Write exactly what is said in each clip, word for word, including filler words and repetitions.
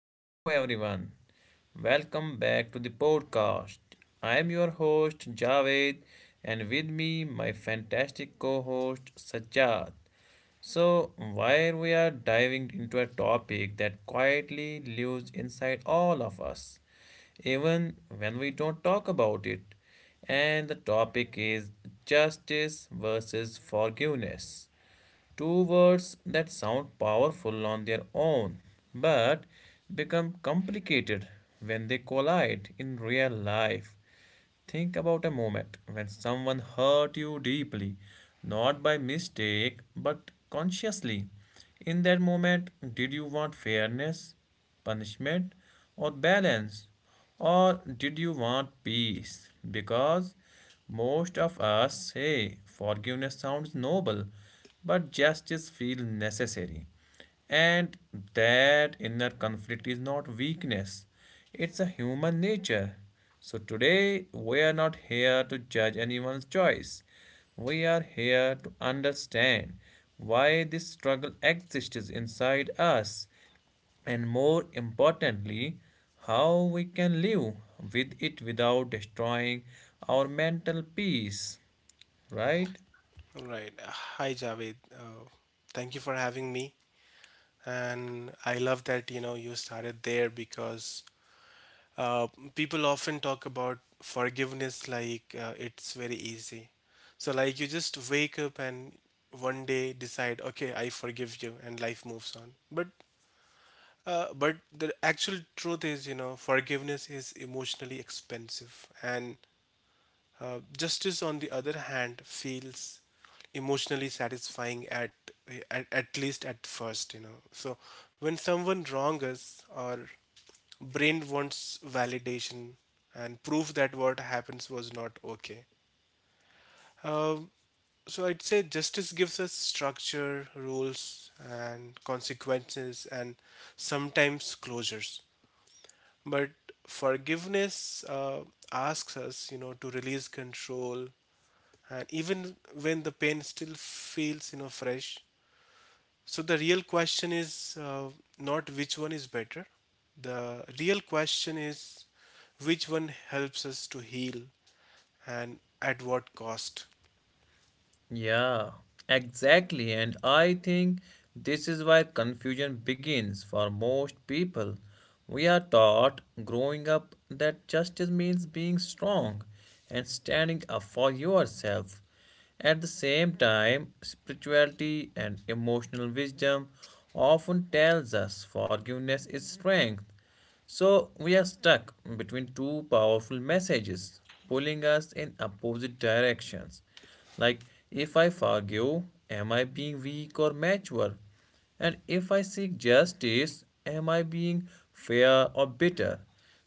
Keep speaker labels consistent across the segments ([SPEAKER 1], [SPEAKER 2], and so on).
[SPEAKER 1] hello everyone. Welcome back to the podcast. I am your host Javed and with me my fantastic co-host Sajjad. So, while we are diving into a topic that quietly lives inside all of us, even when we don't talk about it. And the topic is justice versus forgiveness. Two words that sound powerful on their own, but become complicated when they collide in real life. Think about a moment when someone hurt you deeply, not by mistake, but consciously. In that moment, did you want fairness, punishment, or balance? Or did you want peace? Because most of us say forgiveness sounds noble, but justice feels necessary. And that inner conflict is not weakness, it's a human nature. So today, we are not here to judge anyone's choice. We are here to understand why this struggle exists inside us and more importantly, how we can live with it without destroying our mental peace, right?
[SPEAKER 2] Right. Uh, Hi, Javed. Uh, thank you for having me. And I love that, you know, you started there because uh, people often talk about forgiveness like uh, it's very easy. So, like, you just wake up and one day decide, okay, I forgive you, and life moves on. But uh, but the actual truth is, you know, forgiveness is emotionally expensive, and uh, justice, on the other hand, feels emotionally satisfying at, at at least at first, you know. So when someone wrongs us, our brain wants validation and proof that what happens was not okay. Um, so I'd say justice gives us structure, rules, and consequences, and sometimes closures. But forgiveness uh, asks us, you know, to release control, and even when the pain still feels you know fresh, so the real question is uh, not which one is better, the real question is which one helps us to heal and at what cost.
[SPEAKER 1] Yeah, exactly. And I think this is where confusion begins for most people. We are taught growing up that justice means being strong and standing up for yourself. At the same time, spirituality and emotional wisdom often tells us forgiveness is strength, so we are stuck between two powerful messages pulling us in opposite directions. Like, if I forgive, am I being weak or mature? And if I seek justice, am I being fair or bitter?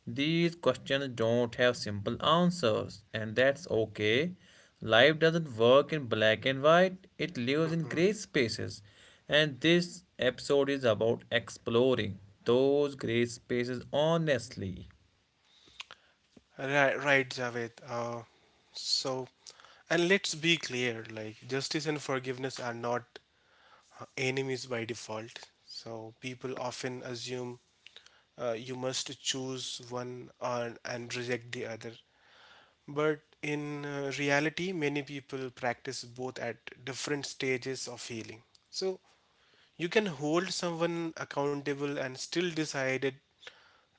[SPEAKER 1] These questions don't have simple answers, and that's okay. Life doesn't work in black and white, it lives in gray spaces. And this episode is about exploring those gray spaces honestly.
[SPEAKER 2] Right, right javed, uh, so and let's be clear, like, justice and forgiveness are not uh, enemies by default, so people often assume uh, you must choose one or, and reject the other. But in uh, reality, many people practice both at different stages of healing. So, you can hold someone accountable and still decide it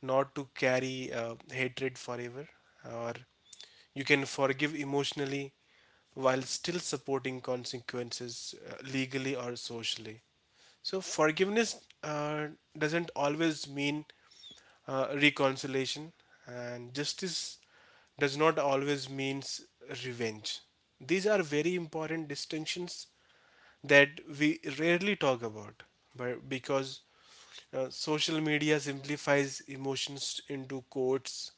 [SPEAKER 2] not to carry uh, hatred forever, or you can forgive emotionally while still supporting consequences uh, legally or socially. So, forgiveness uh, doesn't always mean uh, reconciliation, and justice does not always means revenge. These are very important distinctions that we rarely talk about, but because uh, social media simplifies emotions into quotes,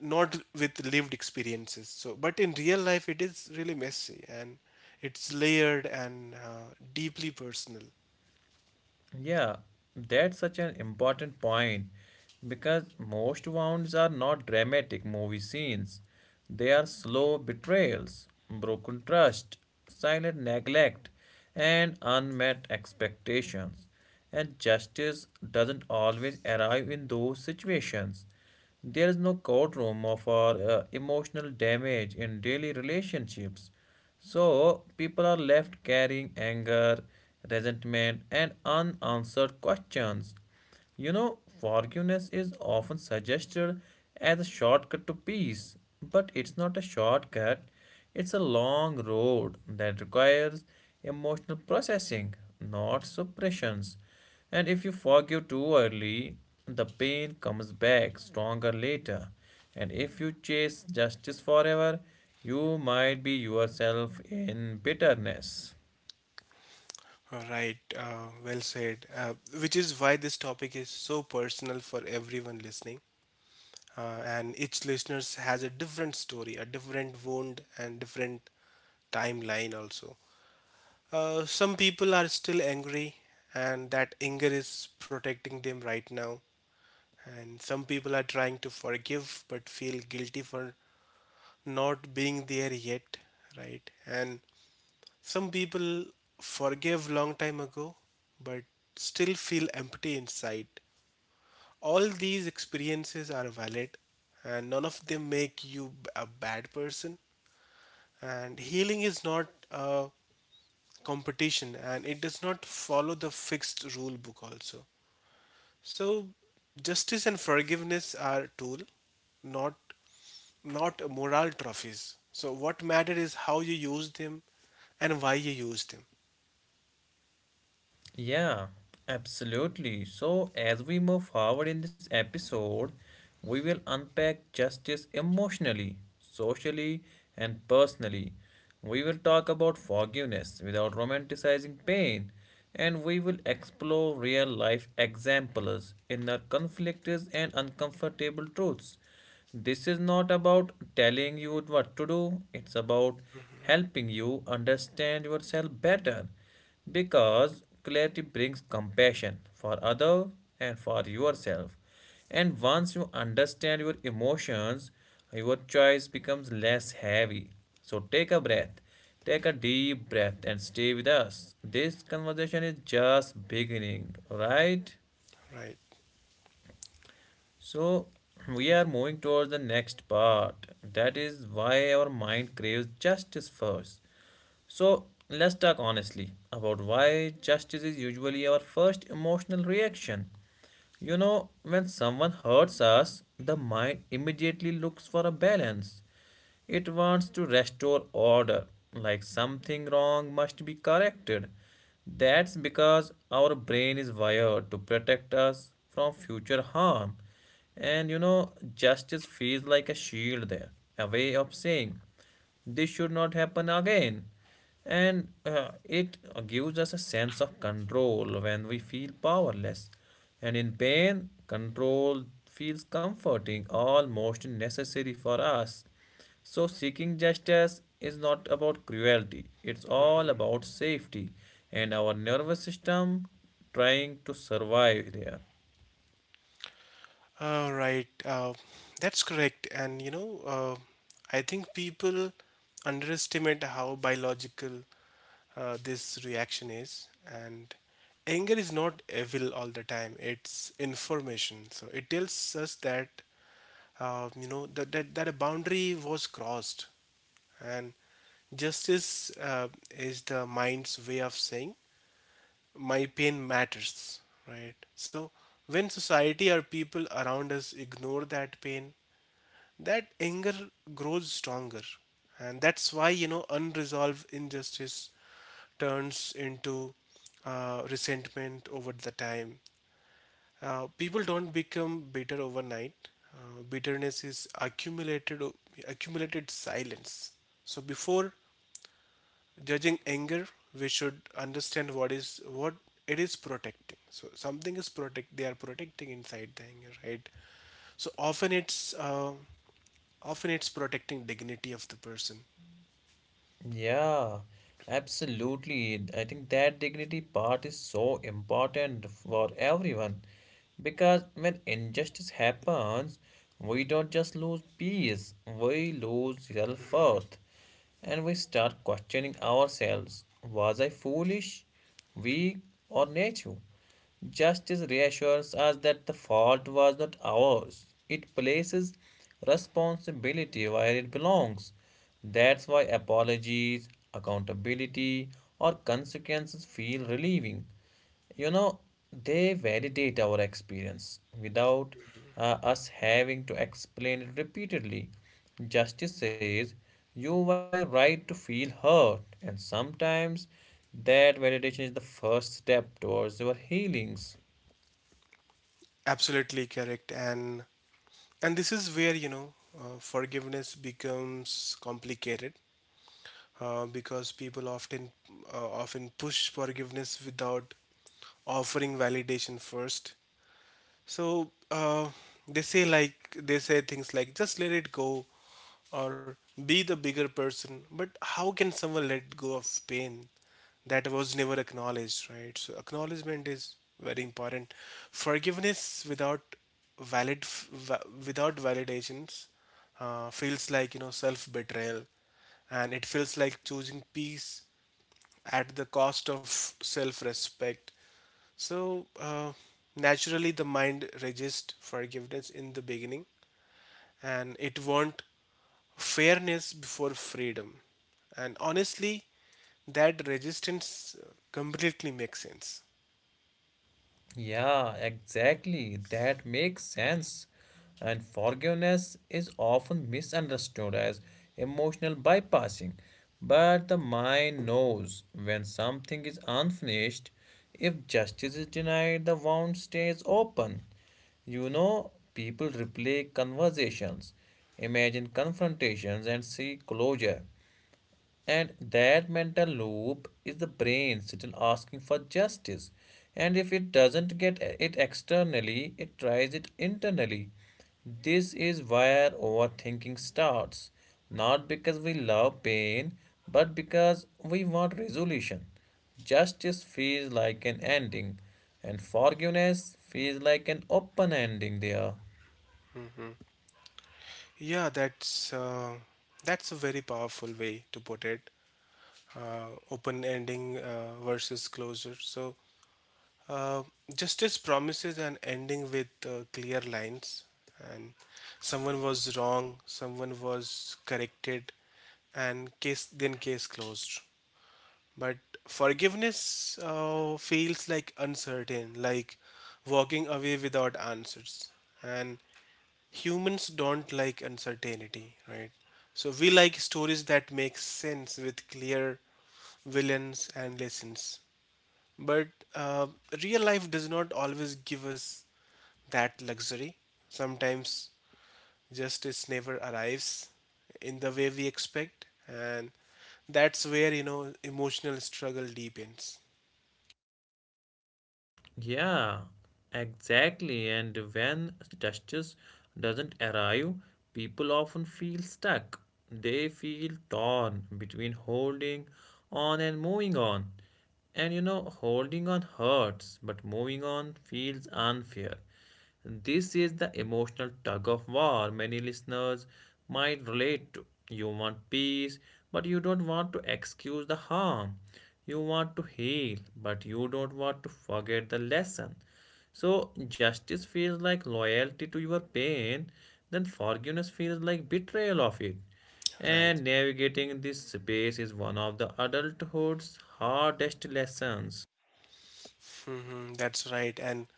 [SPEAKER 2] not with lived experiences. So but in real life it is really messy and it's layered and uh, deeply personal.
[SPEAKER 1] Yeah, that's such an important point because most wounds are not dramatic movie scenes. They are slow betrayals, broken trust, silent neglect, and unmet expectations. And justice doesn't always arrive in those situations. There is no courtroom of our uh, emotional damage in daily relationships. So people are left carrying anger, resentment, and unanswered questions. You know, forgiveness is often suggested as a shortcut to peace, but it's not a shortcut. It's a long road that requires emotional processing, not suppressions. And if you forgive too early, the pain comes back stronger later. And if you chase justice forever, you might be yourself in bitterness.
[SPEAKER 2] All right uh, well said, uh, which is why this topic is so personal for everyone listening, uh, and each listeners has a different story, a different wound, and different timeline also. Uh, some people are still angry, and that anger is protecting them right now. And some people are trying to forgive but feel guilty for not being there yet, right? And some people forgive long time ago but still feel empty inside. All these experiences are valid, and none of them make you b- a bad person. And healing is not a competition and it does not follow the fixed rule book also. So justice and forgiveness are tool, not not moral trophies. So what matter is how you use them and why you use them.
[SPEAKER 1] Yeah, absolutely. So, as we move forward in this episode, we will unpack justice emotionally, socially, and personally. We will talk about forgiveness without romanticizing pain, and we will explore real life examples, inner conflicts, and uncomfortable truths. This is not about telling you what to do, it's about helping you understand yourself better, because clarity brings compassion for other and for yourself. And once you understand your emotions, your choice becomes less heavy. So take a breath, take a deep breath and stay with us. This conversation is just beginning, right?
[SPEAKER 2] Right.
[SPEAKER 1] So, we are moving towards the next part. That is why our mind craves justice first. So, let's talk honestly about why justice is usually our first emotional reaction. You know, when someone hurts us, the mind immediately looks for a balance. It wants to restore order, like something wrong must be corrected. That's because our brain is wired to protect us from future harm. And you know, justice feels like a shield there, a way of saying. This should not happen again. And uh, it gives us a sense of control when we feel powerless. And in pain, control feels comforting, almost necessary for us. So, seeking justice is not about cruelty, it's all about safety and our nervous system trying to survive there.
[SPEAKER 2] All right, uh, that's correct. And you know, uh, I think people underestimate how biological uh, this reaction is. And anger is not evil all the time, it's information. So it tells us that, uh, you know, that, that, that a boundary was crossed. And justice uh, is the mind's way of saying my pain matters, right? So when society or people around us ignore that pain, that anger grows stronger. And that's why, you know, unresolved injustice turns into uh, resentment over the time. Uh, people don't become bitter overnight. Uh, bitterness is accumulated accumulated silence. So before judging anger, we should understand what is what it is protecting, so something is protect they are protecting inside the anger, right? So often it's uh, often it's protecting dignity of the person.
[SPEAKER 1] Yeah, absolutely. I think that dignity part is so important for everyone because when injustice happens, we don't just lose peace, we lose self-worth and we start questioning ourselves. Was I foolish, weak, or native? Justice reassures us that the fault was not ours. It places responsibility where it belongs. That's why apologies, accountability, or consequences feel relieving. You know, they validate our experience without uh, us having to explain it repeatedly. Justice says you were right to feel hurt, and sometimes that validation is the first step towards your healings.
[SPEAKER 2] Absolutely correct. And and this is where you know uh, forgiveness becomes complicated, uh, because people often uh, often push forgiveness without offering validation first. So uh, they say like they say things like just let it go or be the bigger person. But how can someone let go of pain that was never acknowledged, right? So acknowledgement is very important. Forgiveness without valid va- without validations uh, feels like you know self betrayal, and it feels like choosing peace at the cost of self respect. So, uh, naturally, the mind resists forgiveness in the beginning and it wants fairness before freedom. And honestly, that resistance uh, completely makes sense.
[SPEAKER 1] Yeah, exactly. That makes sense. And forgiveness is often misunderstood as emotional bypassing. But the mind knows when something is unfinished. If justice is denied, the wound stays open. You know, people replay conversations, imagine confrontations, and seek closure. And that mental loop is the brain still asking for justice. And if it doesn't get it externally, it tries it internally. This is where overthinking starts. Not because we love pain, but because we want resolution. Justice feels like an ending, and forgiveness feels like an open ending there.
[SPEAKER 2] Yeah, that's uh, that's a very powerful way to put it. Uh, open ending uh, versus closure. So Uh, justice promises an ending with uh, clear lines, and someone was wrong, someone was corrected, and case then case closed. But forgiveness uh, feels like uncertain, like walking away without answers, and humans don't like uncertainty, right? So we like stories that make sense with clear villains and lessons. But uh, real life does not always give us that luxury. Sometimes justice never arrives in the way we expect, and that's where you know emotional struggle deepens.
[SPEAKER 1] Yeah, exactly. And when justice doesn't arrive, people often feel stuck. They feel torn between holding on and moving on. And you know, holding on hurts, but moving on feels unfair. This is the emotional tug of war many listeners might relate to. You want peace, but you don't want to excuse the harm. You want to heal, but you don't want to forget the lesson. So, justice feels like loyalty to your pain, then forgiveness feels like betrayal of it.
[SPEAKER 2] Right.
[SPEAKER 1] And navigating this space is one of the adulthood's hardest lessons.
[SPEAKER 2] Hmm that's right, and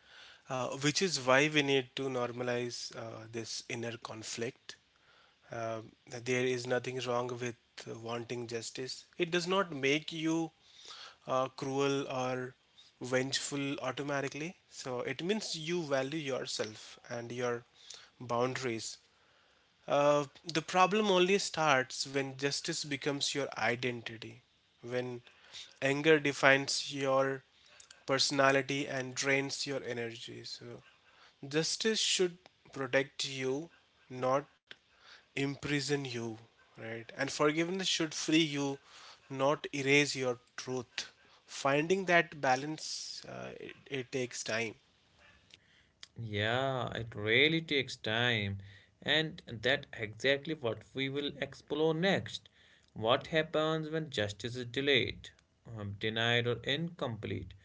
[SPEAKER 2] uh, which is why we need to normalize uh, this inner conflict. uh, there is nothing wrong with wanting justice. It does not make you uh, cruel or vengeful automatically. So it means you value yourself and your boundaries. Uh, the problem only starts when justice becomes your identity, when anger defines your personality and drains your energy. So justice should protect you, not imprison you, right? And forgiveness should free you, not erase your truth. Finding that balance, uh, it, it takes time.
[SPEAKER 1] Yeah, it really takes time, and that exactly what we will explore next. What happens when justice is delayed, um, denied, or incomplete?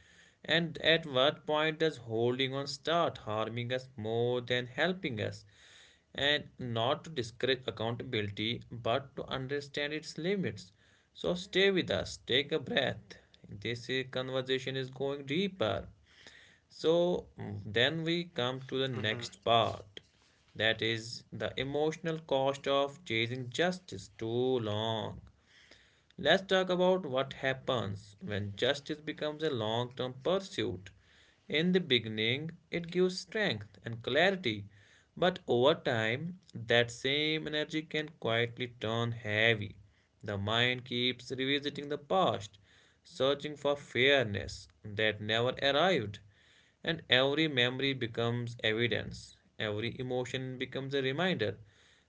[SPEAKER 1] And at what point does holding on start harming us more than helping us? And not to discourage accountability, but to understand its limits. So stay with us, take a breath. This uh, conversation is going deeper, so mm, then we come to the
[SPEAKER 2] hmm
[SPEAKER 1] next part, that is the emotional cost of chasing justice too long. Let's talk about what happens when justice becomes a long term pursuit. In the beginning, it gives strength and clarity, but over time, that same energy can quietly turn heavy. The mind keeps revisiting the past, searching for fairness that never arrived. And every memory becomes evidence, every emotion becomes a reminder.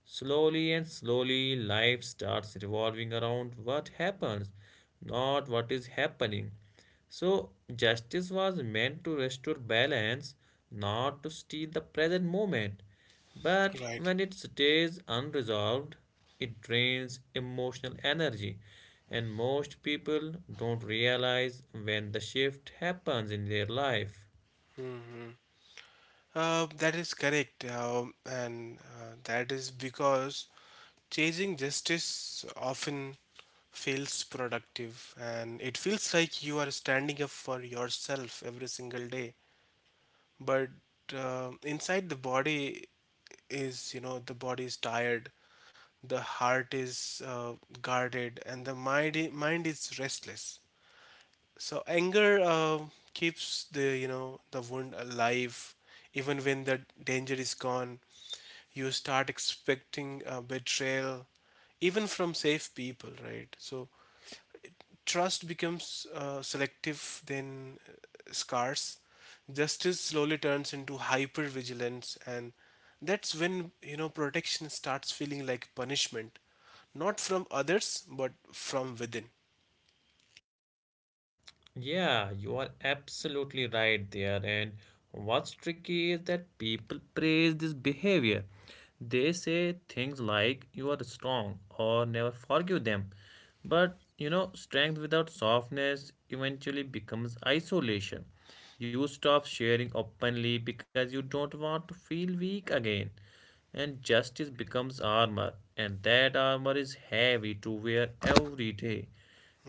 [SPEAKER 1] Slowly and slowly, life starts revolving around what happens, not what is happening. So, justice was meant to restore balance, not to steal the present moment. But
[SPEAKER 2] Right.
[SPEAKER 1] when it stays unresolved, it drains emotional energy, and most people don't realize when the shift happens in their life.
[SPEAKER 2] hmm Uh, that is correct. Um, and uh, that is because chasing justice often feels productive and it feels like you are standing up for yourself every single day, but uh, inside the body is you know the body is tired, the heart is uh, guarded and the mind i- mind is restless. So anger uh, keeps the you know the wound alive even when the danger is gone. You start expecting uh, betrayal even from safe people, right? So trust becomes uh, selective, then uh, scarce. Justice slowly turns into hypervigilance, and that's when you know protection starts feeling like punishment, not from others but from within.
[SPEAKER 1] Yeah, you are absolutely right there. And what's tricky is that people praise this behavior. They say things like you are strong or never forgive them. But you know, strength without softness eventually becomes isolation. You stop sharing openly because you don't want to feel weak again. And justice becomes armor, and that armor is heavy to wear every day.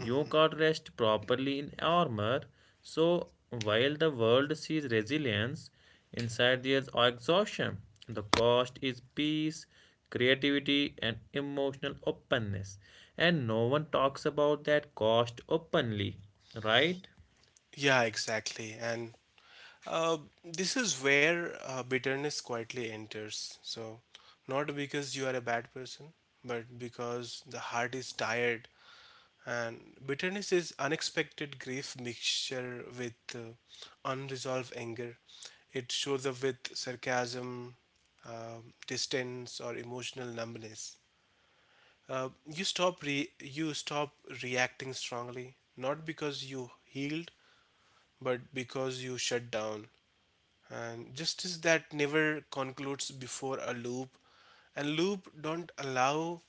[SPEAKER 1] You can't rest properly in armor. So, while the world sees resilience, inside there's exhaustion. The cost is peace, creativity, and emotional openness. And no one talks about that cost openly, right?
[SPEAKER 2] Yeah, exactly, and uh, this is where uh, bitterness quietly enters. So, not because you are a bad person, but because the heart is tired. And bitterness is unexpected grief mixture with uh, unresolved anger. It shows up with sarcasm, uh, distance, or emotional numbness. Uh, you stop re- you stop reacting strongly, not because you healed, but because you shut down. And justice that never concludes before a loop, and loop don't allow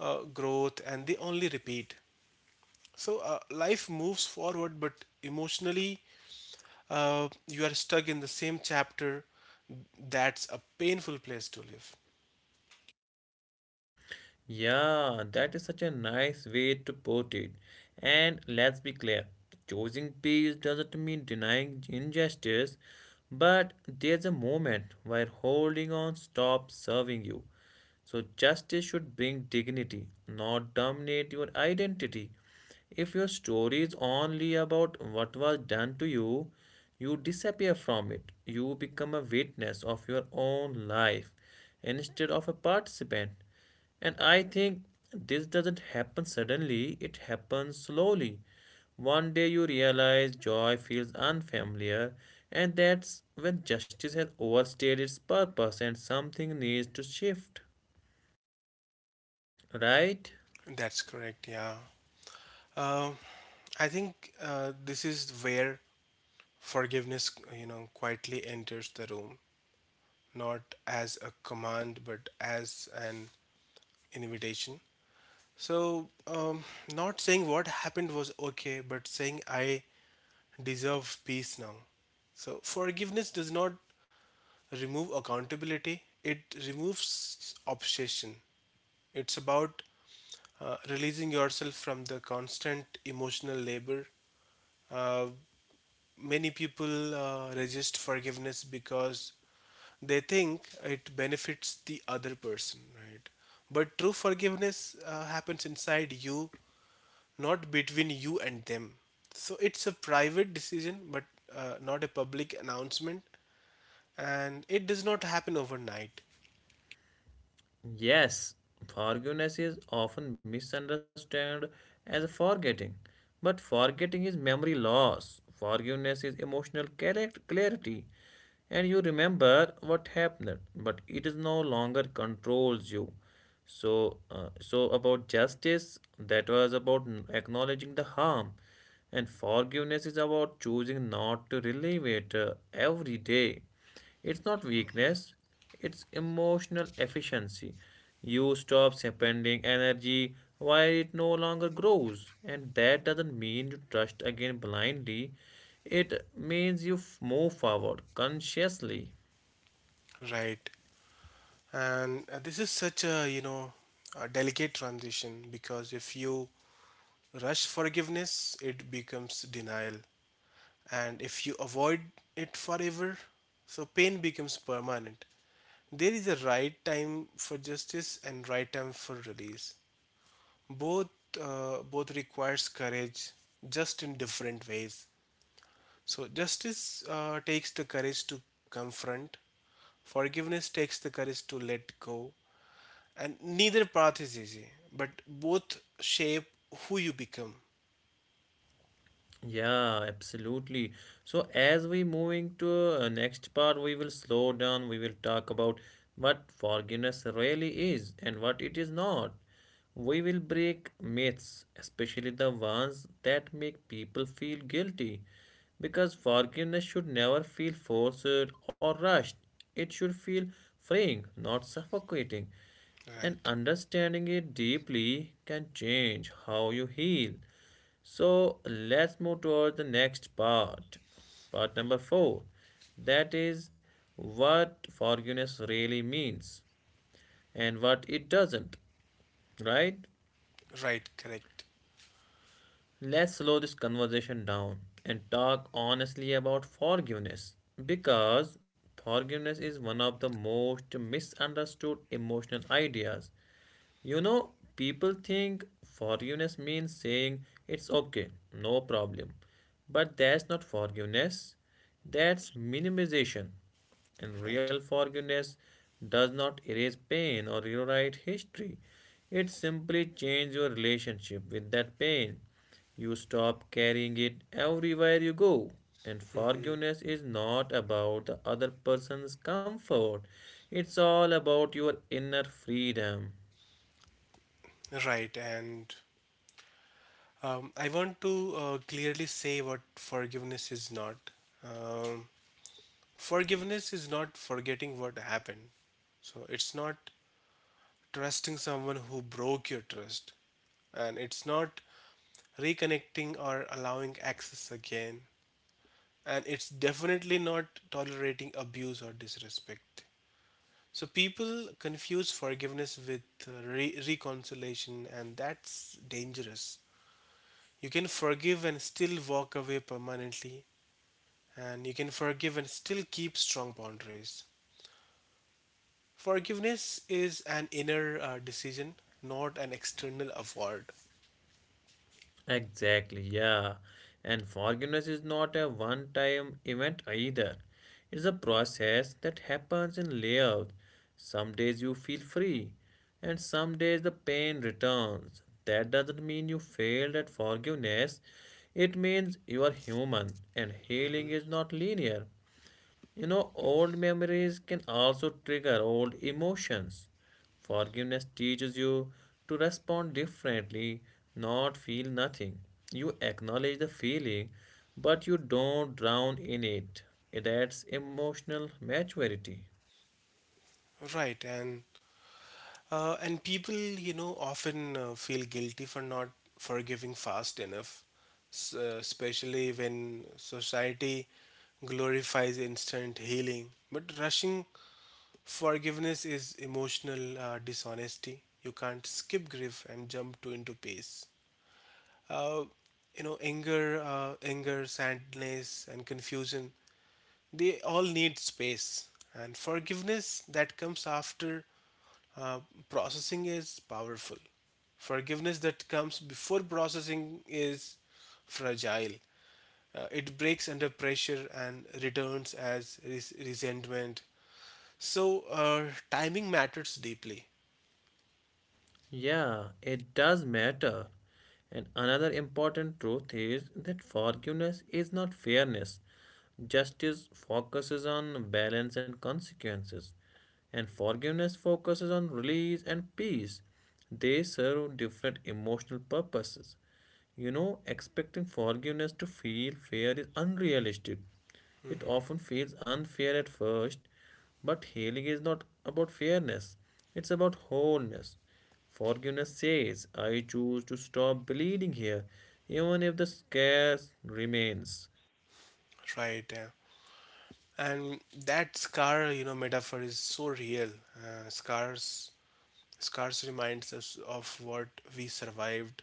[SPEAKER 2] uh, growth, and they only repeat. So uh, life moves forward, but emotionally, uh, you are stuck in the same chapter. That's a painful place to live.
[SPEAKER 1] Yeah, that is such a nice way to put it. And let's be clear, choosing peace doesn't mean denying injustice, but there's a moment where holding on stops serving you. So justice should bring dignity, not dominate your identity. If your story is only about what was done to you, you disappear from it. You become a witness of your own life instead of a participant. And I think this doesn't happen suddenly, it happens slowly. One day you realize joy feels unfamiliar, and that's when justice has overstayed its purpose and something needs to shift. Right?
[SPEAKER 2] That's correct. Yeah. Uh, I think uh, this is where forgiveness, you know, quietly enters the room, not as a command, but as an invitation. So, um, not saying what happened was okay, but saying I deserve peace now. So forgiveness does not remove accountability, it removes obsession. It's about uh, releasing yourself from the constant emotional labor. Uh, many people uh, resist forgiveness because they think it benefits the other person, right? But true forgiveness uh, happens inside you, not between you and them. So it's a private decision, but uh, not a public announcement, and it does not happen overnight.
[SPEAKER 1] Yes, forgiveness is often misunderstood as forgetting, but forgetting is memory loss. Forgiveness is emotional correct- clarity, and you remember what happened, but it is no longer controls you. So, uh, so about justice, that was about n- acknowledging the harm, and forgiveness is about choosing not to relive it uh, every day. It's not weakness, it's emotional efficiency. You stop spending energy while it no longer grows, and that doesn't mean you trust again blindly. It means you f- move forward consciously.
[SPEAKER 2] Right. And uh, this is such a, you know, a delicate transition, because if you rush forgiveness, it becomes denial. And if you avoid it forever, so pain becomes permanent. There is a right time for justice and right time for release. Both uh, both requires courage, just in different ways. So justice uh, takes the courage to confront. Forgiveness takes the courage to let go, and neither path is easy, but both shape who you become.
[SPEAKER 1] Yeah, absolutely. So as we moving to uh, next part, we will slow down. We will talk about what forgiveness really is and what it is not. We will break myths, especially the ones that make people feel guilty, because forgiveness should never feel forced or rushed. It should feel freeing, not suffocating. And
[SPEAKER 2] right
[SPEAKER 1] understanding it deeply can change how you heal. So let's move towards the next part, part number four. That is what forgiveness really means and what it doesn't, right?
[SPEAKER 2] right correct
[SPEAKER 1] Let's slow this conversation down and talk honestly about forgiveness, because forgiveness is one of the most misunderstood emotional ideas. You know, people think forgiveness means saying it's okay, no problem. But that's not forgiveness, that's minimization. And
[SPEAKER 2] right
[SPEAKER 1] real forgiveness does not erase pain or rewrite history. It simply changes your relationship with that pain. You stop carrying it everywhere you go. And forgiveness is not about the other person's comfort, it's all about your inner freedom.
[SPEAKER 2] right and um, I want to uh, clearly say what forgiveness is not. um, Forgiveness is not forgetting what happened, so it's not trusting someone who broke your trust, and it's not reconnecting or allowing access again, and it's definitely not tolerating abuse or disrespect. So people confuse forgiveness with uh, re- reconciliation, and that's dangerous. You can forgive and still walk away permanently, and you can forgive and still keep strong boundaries. Forgiveness is an inner uh, decision, not an external award.
[SPEAKER 1] Exactly, yeah. And forgiveness is not a one time event either. It's a process that happens in layers. Some days you feel free, and some days the pain returns. That doesn't mean you failed at forgiveness, it means you are human, and healing
[SPEAKER 2] Mhm.
[SPEAKER 1] is not linear. You know, old memories can also trigger old emotions. Forgiveness teaches you to respond differently, not feel nothing. You acknowledge the feeling, but you don't drown in it. That's emotional maturity.
[SPEAKER 2] Right, and Uh, and people, you know, often uh, feel guilty for not forgiving fast enough, s- uh, especially when society glorifies instant healing. But rushing forgiveness is emotional uh, dishonesty. You can't skip grief and jump to into peace. Uh, you know, anger, uh, anger, sadness, and confusion—they all need space. And forgiveness that comes after uh, processing is powerful. Forgiveness that comes before processing is fragile. Uh, it breaks under pressure and returns as res- resentment. So, uh, timing matters deeply.
[SPEAKER 1] Yeah, it does matter. And another important truth is that forgiveness is not fairness. Justice focuses on balance and consequences, and forgiveness focuses on release and peace. They serve different emotional purposes. You know, expecting forgiveness to feel fair is unrealistic. It
[SPEAKER 2] hmm
[SPEAKER 1] often feels unfair at first, but healing is not about fairness, it's about wholeness. Forgiveness says, I choose to stop bleeding here, even if the scars remains.
[SPEAKER 2] Right. Yeah. And that scar, you know, metaphor is so real. Uh, scars Scars reminds us of what we survived,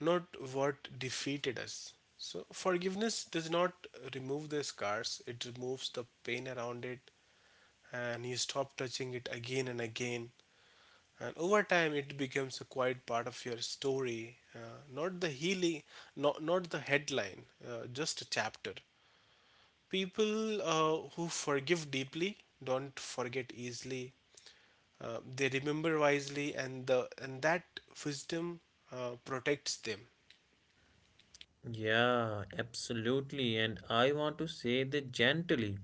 [SPEAKER 2] not what defeated us. So, forgiveness does not remove the scars, it removes the pain around it, and you stop touching it again and again. And over time, it becomes a quiet part of your story, uh, not the healing, not, not, the headline, uh, just a chapter. People uh, who forgive deeply don't forget easily. Uh, they remember wisely, and the and that wisdom uh, protects them.
[SPEAKER 1] Yeah, absolutely. And I want to say that gently.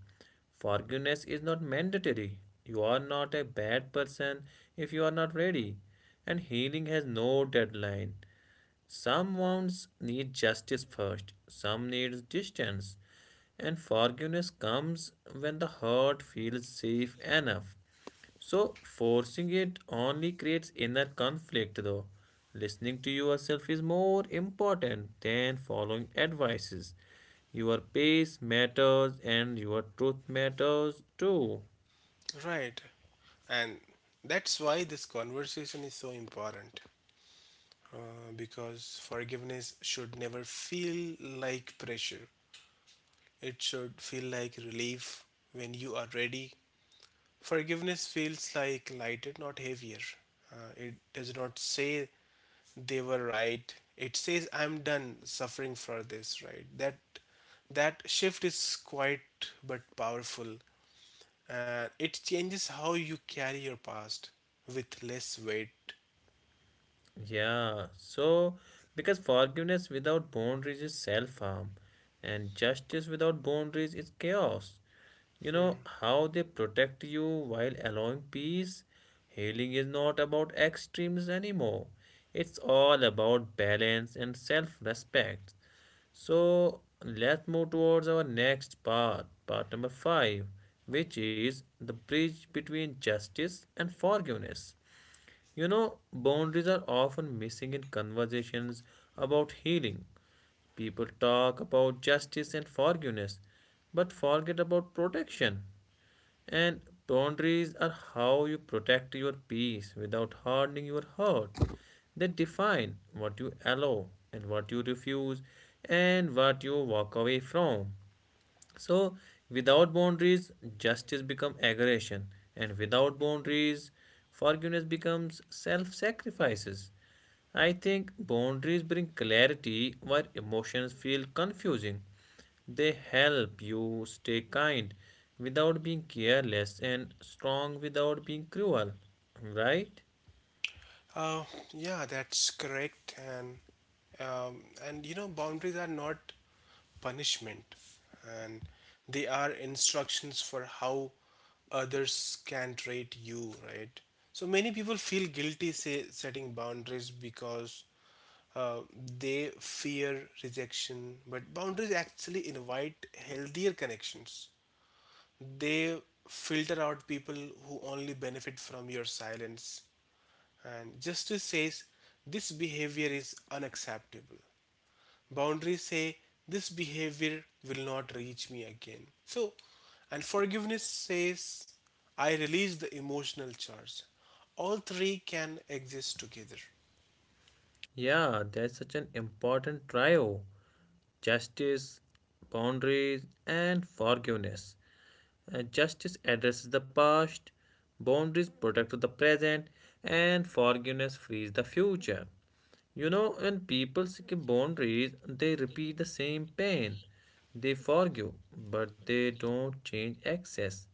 [SPEAKER 1] Forgiveness is not mandatory. You are not a bad person if you are not ready. And healing has no deadline. Some wounds need justice first, some need distance. And forgiveness comes when the heart feels safe enough. So, forcing it only creates inner conflict, though. Listening to yourself is more important than following advices. Your pace matters and your truth matters too.
[SPEAKER 2] Right. And that's why this conversation is so important, uh, because forgiveness should never feel like pressure. It should feel like relief when you are ready. Forgiveness feels like lighter, not heavier. Uh, it does not say they were right. It says I'm done suffering for this, right? That that shift is quite but powerful. Uh, it changes how you carry your past with less weight.
[SPEAKER 1] Yeah, so because forgiveness without boundaries is self harm, and justice without boundaries is chaos. You know how they protect you while allowing peace? Healing is not about extremes anymore. It's all about balance and self respect. So let's move towards our next part, part number five, which is the bridge between justice and forgiveness. You know, boundaries are often missing in conversations about healing. People talk about justice and forgiveness, but forget about protection. And boundaries are how you protect your peace without hardening your heart. They define what you allow and what you refuse and what you walk away from. So, without boundaries, justice becomes aggression, and without boundaries, forgiveness becomes self sacrifices. I think boundaries bring clarity where emotions feel confusing. They help you stay kind without being careless and strong without being cruel, right?
[SPEAKER 2] Uh, yeah, that's correct. And um, and you know, boundaries are not punishment, and they are instructions for how others can treat you, right? So many people feel guilty say, setting boundaries because uh, they fear rejection, but boundaries actually invite healthier connections. They filter out people who only benefit from your silence, and justice says this behavior is unacceptable. Boundaries say this behavior will not reach me again. So, and forgiveness says I release the emotional charge. All three can exist together.
[SPEAKER 1] Yeah, that's such an important trio justice, boundaries, and forgiveness. Uh, justice addresses the past, boundaries protect the present, and forgiveness frees the future. You know, when people skip boundaries, they repeat the same pain. They forgive, but they don't change access.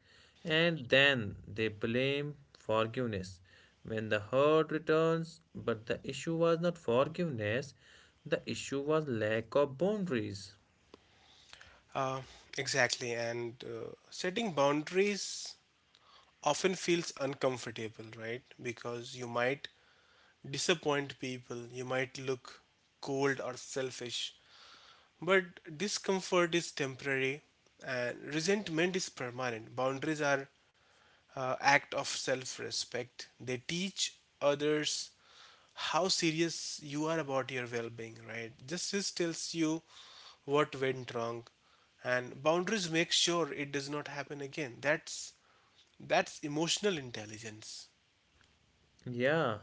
[SPEAKER 1] And then they blame forgiveness. When the hurt returns, but the issue was not forgiveness, the issue was lack of boundaries.
[SPEAKER 2] Uh, exactly, and uh, setting boundaries often feels uncomfortable, right? Because you might disappoint people, you might look cold or selfish. But discomfort is temporary and resentment is permanent. Boundaries are uh, act of self-respect. They teach others how serious you are about your well-being, right? Justice tells you what went wrong, and boundaries make sure it does not happen again. That's that's emotional intelligence,
[SPEAKER 1] Yeah,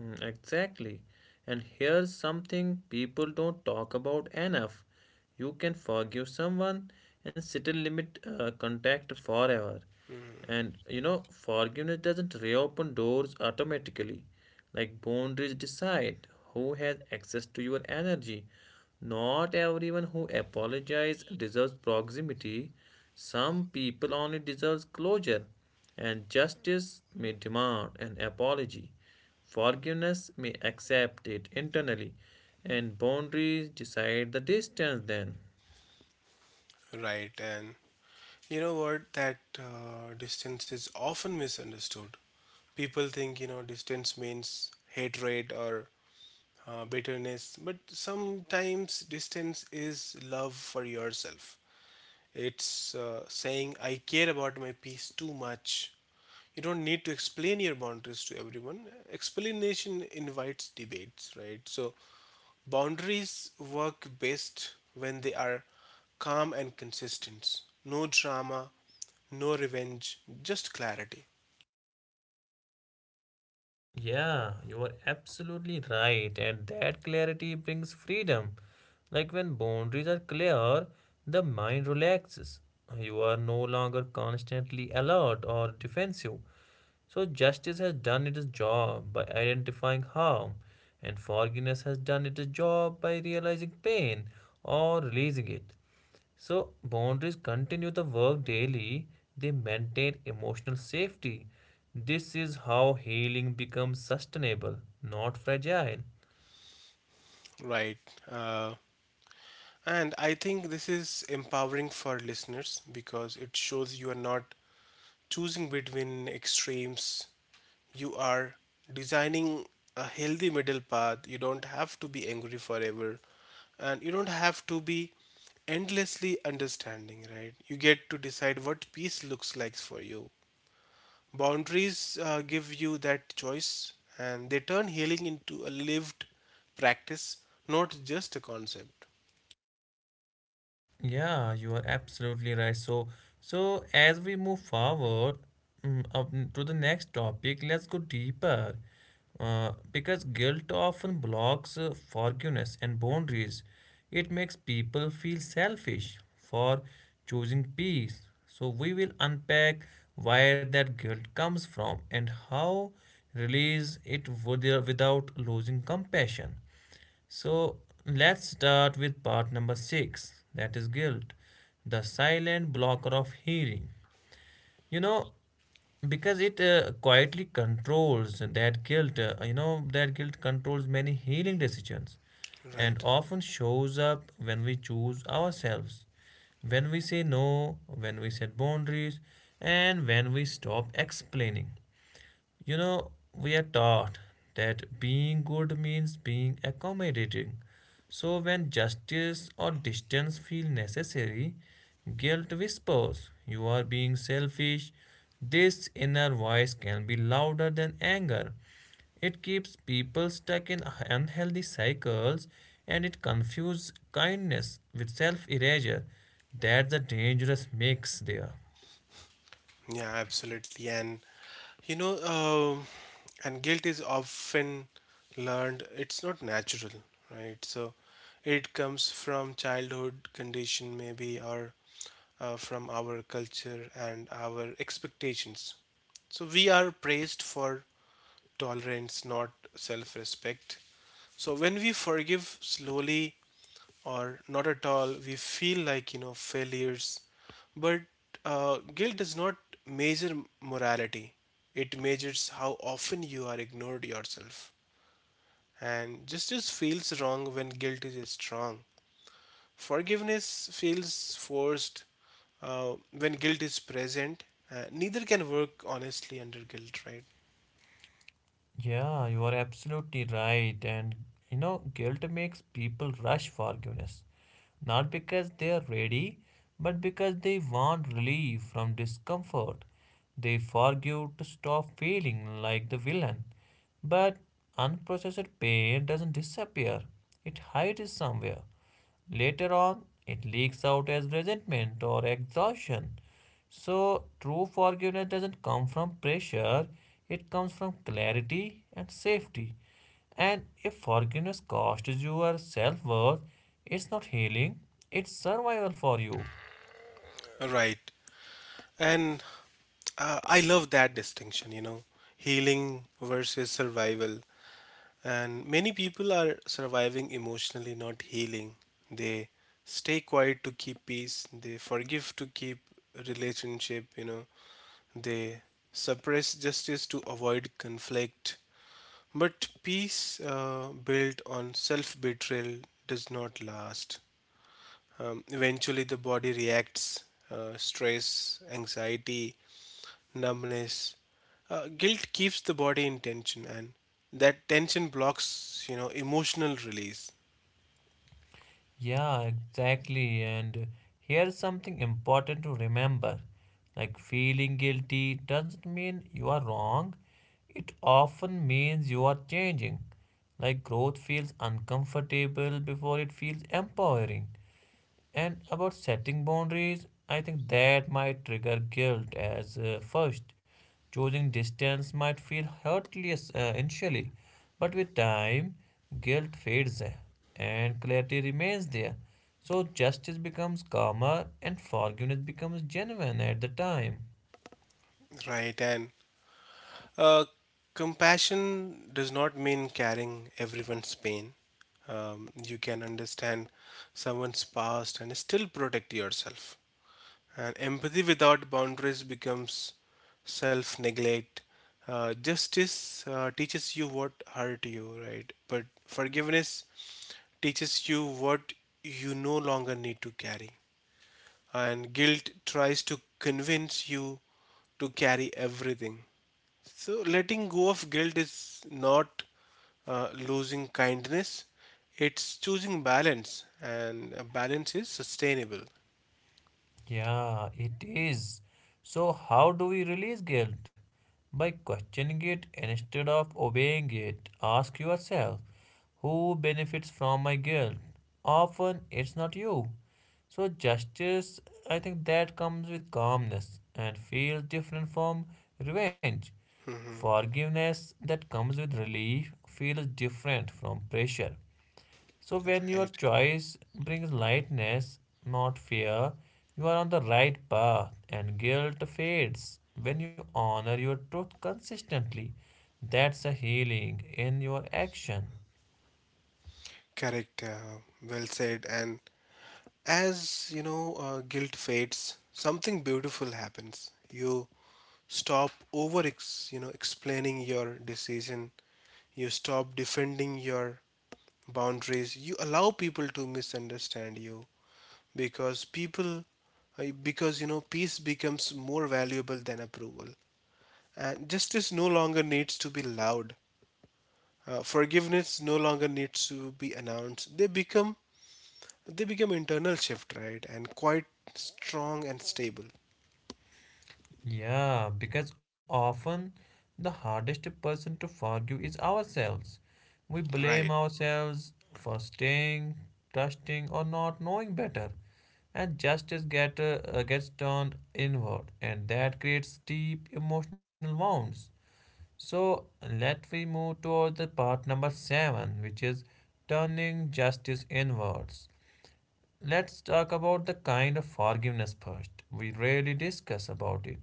[SPEAKER 1] mm, exactly. And here's something people don't talk about enough. You can forgive someone and still limit uh, contact forever. And you know, forgiveness doesn't reopen doors automatically. Like boundaries decide who has access to your energy, not everyone who apologizes deserves proximity. Some people only deserve closure, and justice may demand an apology. Forgiveness may accept it internally, and boundaries decide the distance then.
[SPEAKER 2] right? And you know what? That uh, distance is often misunderstood. People think, you know, distance means hatred or uh, bitterness, but sometimes distance is love for yourself. It's uh, saying, I care about my peace too much. You don't need to explain your boundaries to everyone. Explanation invites debates, right? So boundaries work best when they are calm and consistent. No drama, no revenge, just clarity.
[SPEAKER 1] Yeah, you are absolutely right, and that clarity brings freedom. Like when boundaries are clear, the mind relaxes. You are no longer constantly alert or defensive. So, justice has done its job by identifying harm, and forgiveness has done its job by realizing pain or releasing it. So, boundaries continue the work daily, they maintain emotional safety. This is how healing becomes sustainable, not fragile.
[SPEAKER 2] Right. Uh, and I think this is empowering for listeners because it shows you are not choosing between extremes. You are designing a healthy middle path. You don't have to be angry forever, and you don't have to be endlessly understanding, right? You get to decide what peace looks like for you. Boundaries uh, give you that choice, and they turn healing into a lived practice, not just a concept.
[SPEAKER 1] Yeah, you are absolutely right. So, so as we move forward mm, up to the next topic, let's go deeper. Uh, because guilt often blocks uh, forgiveness and boundaries. It makes people feel selfish for choosing peace. So, we will unpack where that guilt comes from and how release it with- uh, without losing compassion. So let's start with part number six that is guilt, the silent blocker of hearing. You know, because it uh, quietly controls that guilt, uh, you know, that guilt controls many healing decisions and
[SPEAKER 2] Right.
[SPEAKER 1] often shows up when we choose ourselves, when we say no, when we set boundaries, and when we stop explaining. You know, we are taught that being good means being accommodating. So when justice or distance feel necessary, guilt whispers, you are being selfish. This inner voice can be louder than anger. It keeps people stuck in unhealthy cycles and it confuses kindness with self erasure. That's a dangerous mix there.
[SPEAKER 2] Yeah, absolutely. And You know, um, and guilt is often learned, it's not natural, right? So it comes from childhood condition, maybe, or uh, from our culture and our expectations. So we are praised for tolerance, not self respect. So when we forgive slowly, or not at all, we feel like you know failures. But uh, guilt does not measure morality, it measures how often you are ignored yourself. And justice feels wrong when guilt is strong, forgiveness feels forced uh, when guilt is present. Uh, neither can work honestly under guilt, right?
[SPEAKER 1] Yeah, you are absolutely right. And you know, guilt makes people rush forgiveness, not because they are ready, but because they want relief from discomfort. They forgive to stop feeling like the villain. But unprocessed pain doesn't disappear, it hides somewhere. Later on, it leaks out as resentment or exhaustion. So, true forgiveness doesn't come from pressure, it comes from clarity and safety. And if forgiveness costs your self worth, it's not healing, it's survival for you.
[SPEAKER 2] Right, and uh, I love that distinction, you know, healing versus survival. And many people are surviving emotionally, not healing. They stay quiet to keep peace. They forgive to keep relationship, you know. They suppress justice to avoid conflict. But peace uh, built on self betrayal does not last. Um, eventually, the body reacts, uh, stress, anxiety, numbness. Uh, guilt keeps the body in tension, and that tension blocks, you know, emotional release.
[SPEAKER 1] Yeah, exactly. And here's something important to remember like feeling guilty doesn't mean you are wrong, it often means you are changing. Like growth feels uncomfortable before it feels empowering. And about setting boundaries, I think that might trigger guilt as uh, first. Choosing distance might feel hurtless uh, initially, but with time, guilt fades uh, and clarity remains there. So justice becomes calmer and forgiveness becomes genuine at the time.
[SPEAKER 2] Right, and uh, compassion does not mean carrying everyone's pain. Um, you can understand someone's past and still protect yourself. And empathy without boundaries becomes self neglect. Uh, justice uh, teaches you what hurt you, right? But forgiveness teaches you what you no longer need to carry. And guilt tries to convince you to carry everything. So, letting go of guilt is not uh, losing kindness, it's choosing balance, and uh, balance is sustainable.
[SPEAKER 1] Yeah, it is. So, how do we release guilt? By questioning it instead of obeying it. Ask yourself, who benefits from my guilt? Often it's not you. So, justice, I think that comes with calmness and feels different from revenge.
[SPEAKER 2] Hmm.
[SPEAKER 1] Forgiveness that comes with relief feels different from pressure. So when your
[SPEAKER 2] Right.
[SPEAKER 1] choice brings lightness, not fear, you are on the right path and guilt fades. When you honor your truth consistently, that's a healing in your action.
[SPEAKER 2] Correct. Uh, well said. And as you know, uh, guilt fades, something beautiful happens. You stop over, ex- you know, explaining your decision. You stop defending your boundaries. You allow people to misunderstand you because people Uh, because you know peace becomes more valuable than approval, and justice no longer needs to be loud. Uh, forgiveness no longer needs to be announced. They become they become internal shift, right, and quite strong and stable.
[SPEAKER 1] Yeah, because often the hardest person to forgive is ourselves. We blame
[SPEAKER 2] Right.
[SPEAKER 1] ourselves for staying, trusting, or not knowing better, and justice get, uh, gets turned inward, and that creates deep emotional wounds. So let we move towards the part number seven, which is turning justice inwards. Let's talk about the kind of forgiveness first. We rarely discuss about it.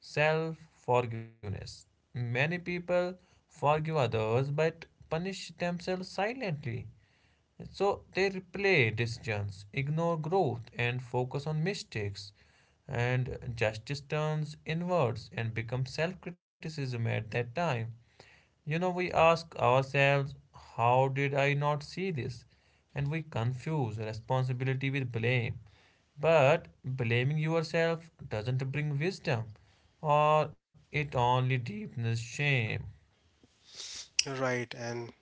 [SPEAKER 1] Self forgiveness. Many people forgive others but punish themselves silently. So they replay decisions, ignore growth, and focus on mistakes. And justice turns inwards and becomes self criticism at that time. You know, we ask ourselves, how did I not see this? And we confuse responsibility with blame. But blaming yourself doesn't bring wisdom, or it only deepens shame.
[SPEAKER 2] Right. And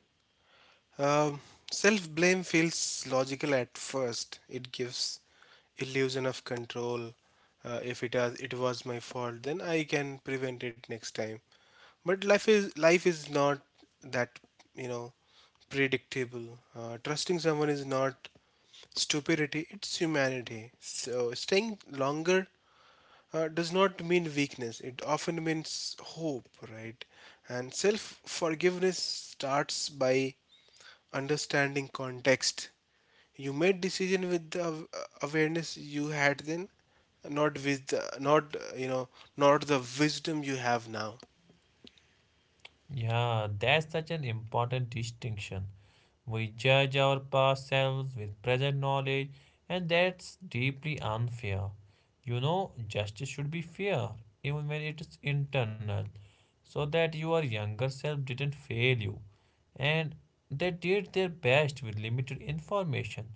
[SPEAKER 2] Um, self blame feels logical at first. It gives illusion of control. Uh, if it has, it was my fault, then I can prevent it next time. But life is life is not that, you know, predictable. Uh, trusting someone is not stupidity; it's humanity. So staying longer uh, does not mean weakness. It often means hope, right? And self forgiveness starts by understanding context. You made decision with the awareness you had then, not with the, not uh, you know not the wisdom you have now.
[SPEAKER 1] Yeah, that's such an important distinction. We judge our past selves with present knowledge, and that's deeply unfair. You know, justice should be fair, even when it is internal, so that your younger self didn't fail you and they did their best with limited information.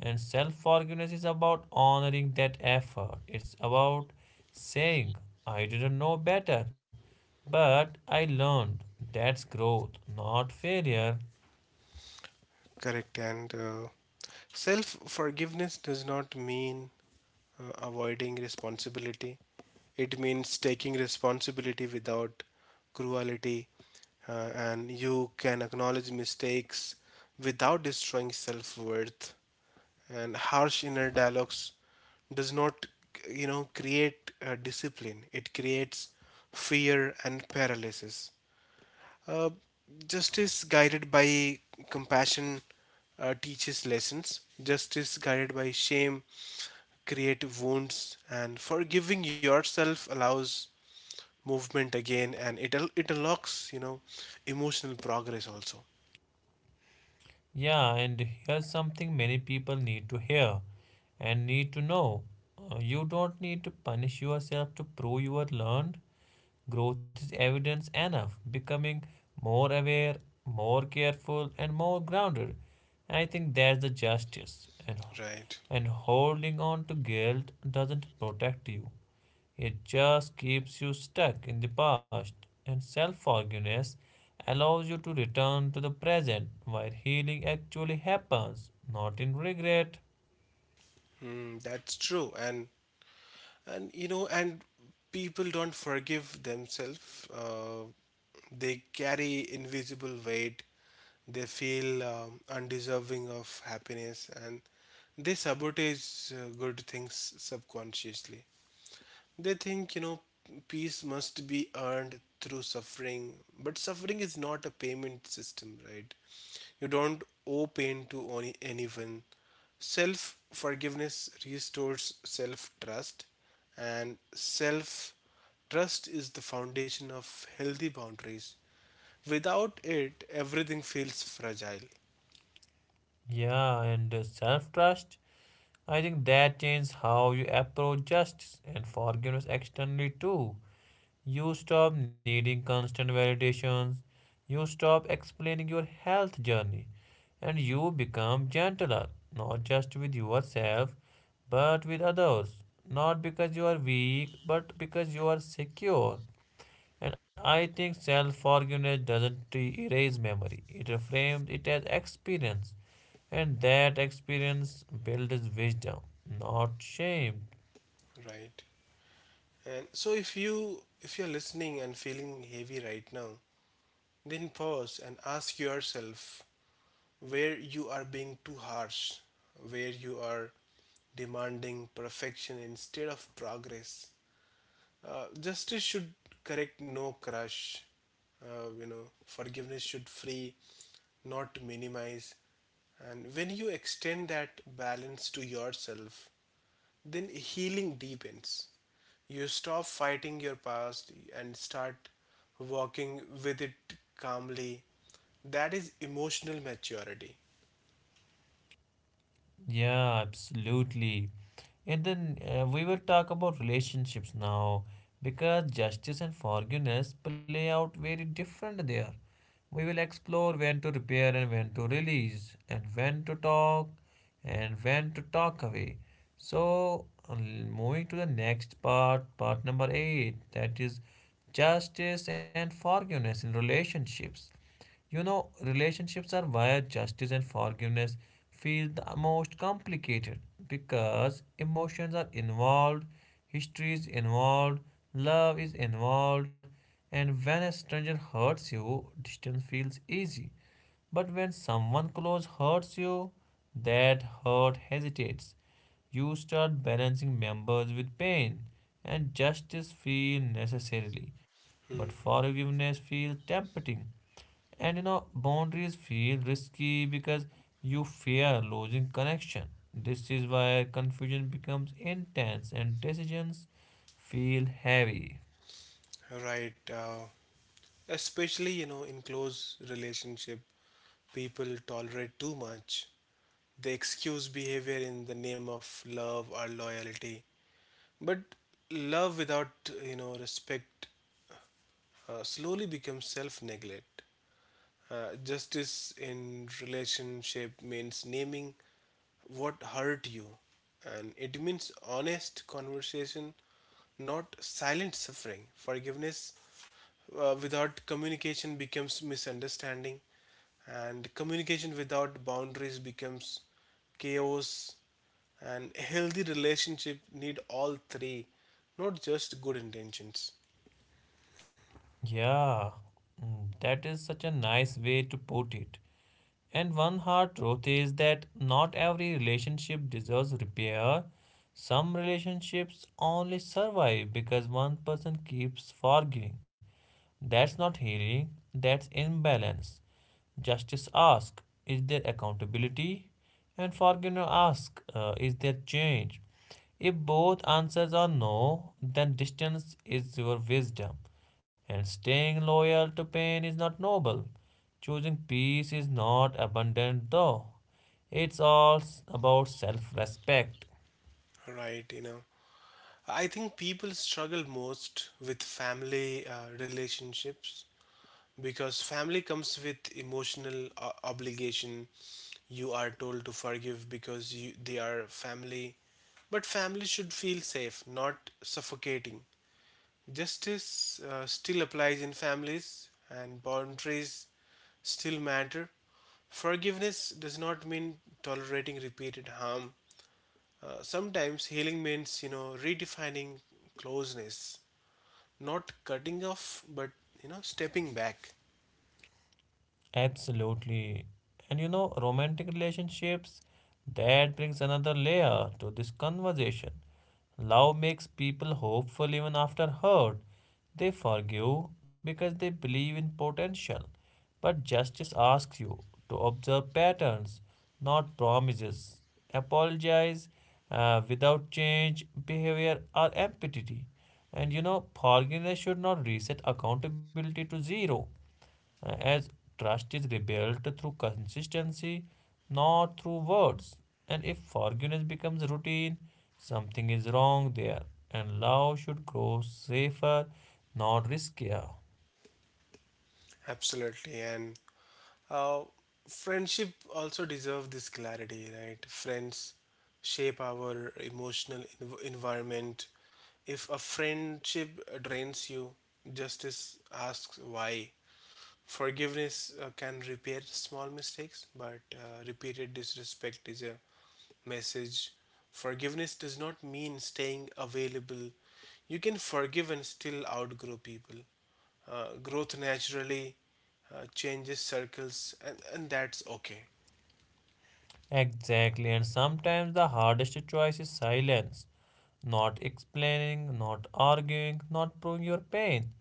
[SPEAKER 1] And self forgiveness is about honoring that effort. It's about saying, I didn't know better, but I learned. That's growth, not failure.
[SPEAKER 2] Correct. And uh, self forgiveness does not mean uh, avoiding responsibility. It means taking responsibility without cruelty, uh, and you can acknowledge mistakes without destroying self worth. And harsh inner dialogues does not you know create uh, discipline, it creates fear and paralysis. uh, Justice guided by compassion uh, teaches lessons, justice guided by shame creates wounds, and forgiving yourself allows movement again, and it it unlocks, you know, emotional progress also,
[SPEAKER 1] Yeah, and here's something many people need to hear and need to know. Uh, You don't need to punish yourself to prove you are learned. Growth is evidence enough, becoming more aware, more careful, and more grounded. I think that's the justice. And,
[SPEAKER 2] right?
[SPEAKER 1] and holding on to guilt doesn't protect you, it just keeps you stuck in the past. And self forgiveness allows you to return to the present where healing actually happens, not in regret.
[SPEAKER 2] Mm, that's true. and and you know and people don't forgive themselves, uh, they carry invisible weight. They feel um, undeserving of happiness, and they sabotage uh, good things subconsciously. They think, you know, peace must be earned through suffering, but suffering is not a payment system, right? You don't owe pain to any anyone. Self forgiveness restores self trust, and self trust is the foundation of healthy boundaries. Without it, everything feels fragile,
[SPEAKER 1] Yeah, and self trust I think that changes how you approach justice and forgiveness externally too. You stop needing constant validations, you stop explaining your health journey, and you become gentler, not just with yourself, but with others. Not because you are weak, but because you are secure. And I think self forgiveness doesn't erase memory, it reframes it as experience. And that experience builds wisdom, not shame.
[SPEAKER 2] right? And so if you if you're listening and feeling heavy right now, then pause and ask yourself where you are being too harsh, where you are demanding perfection instead of progress. Uh, justice should correct, no crush. Uh, you know, forgiveness should free, not minimize. And when you extend that balance to yourself, then healing deepens. You stop fighting your past and start walking with it calmly. That is emotional maturity.
[SPEAKER 1] Yeah, absolutely. And then uh, we will talk about relationships now because justice and forgiveness play out very different there. We will explore when to repair and when to release, and when to talk and when to talk away. So, um, moving to the next part, part number eight, that is justice and forgiveness in relationships. You know, relationships are where justice and forgiveness feel the most complicated because emotions are involved, history is involved, love is involved, and when a stranger hurts you, distance feels easy. But when someone close hurts you, that hurt hesitates. You start balancing members with pain, and justice feels necessarily, but forgiveness feels tempting. And you know, boundaries feel risky because you fear losing connection. This is why confusion becomes intense and decisions feel heavy.
[SPEAKER 2] Right. Uh, especially, you know, in close relationship, people tolerate too much. They excuse behavior in the name of love or loyalty. But love without, you know, respect uh, slowly becomes self-neglect. Uh, justice in relationship means naming what hurt you, and it means honest conversation, not silent suffering. Forgiveness uh, without communication becomes misunderstanding, and communication without boundaries becomes chaos. And healthy relationship need all three, not just good intentions.
[SPEAKER 1] Yeah, mm, that is such a nice way to put it. And one hard truth is that not every relationship deserves repair. Some relationships only survive because one person keeps forgiving. That's not healing, that's imbalance. Justice asks, is there accountability? And forgiveness asks, uh, is there change? If both answers are no, then distance is your wisdom, and staying loyal to pain is not noble. Choosing peace is not abundant, though. It's all s- about self respect.
[SPEAKER 2] Right, you know. I think people struggle most with family uh, relationships because family comes with emotional uh, obligation. You are told to forgive because you, they are family. But family should feel safe, not suffocating. Justice uh, still applies in families, and boundaries still matter. Forgiveness does not mean tolerating repeated harm. Uh, sometimes healing means, you know, redefining closeness, not cutting off, but, you know, stepping back.
[SPEAKER 1] Absolutely. And you know, romantic relationships, that brings another layer to this conversation. Love makes people hopeful even after hurt. They forgive because they believe in potential. But justice asks you to observe patterns, not promises. Apologize uh, without change, behavior, or empathy. And you know, forgiveness should not reset accountability to zero uh, as trust is rebuilt through consistency, not through words. And if forgiveness becomes routine, something is wrong there. And love should grow safer, not riskier.
[SPEAKER 2] Absolutely. And uh, friendship also deserve this clarity, right? Friends shape our emotional env- environment. If a friendship drains you, justice asks why. Forgiveness uh, can repair small mistakes, but uh, repeated disrespect is a message. Forgiveness does not mean staying available. You can forgive and still outgrow people. Uh, growth naturally uh, changes circles, and, and that's okay.
[SPEAKER 1] Exactly, and sometimes the hardest choice is silence. Not explaining, not arguing, not proving your pain.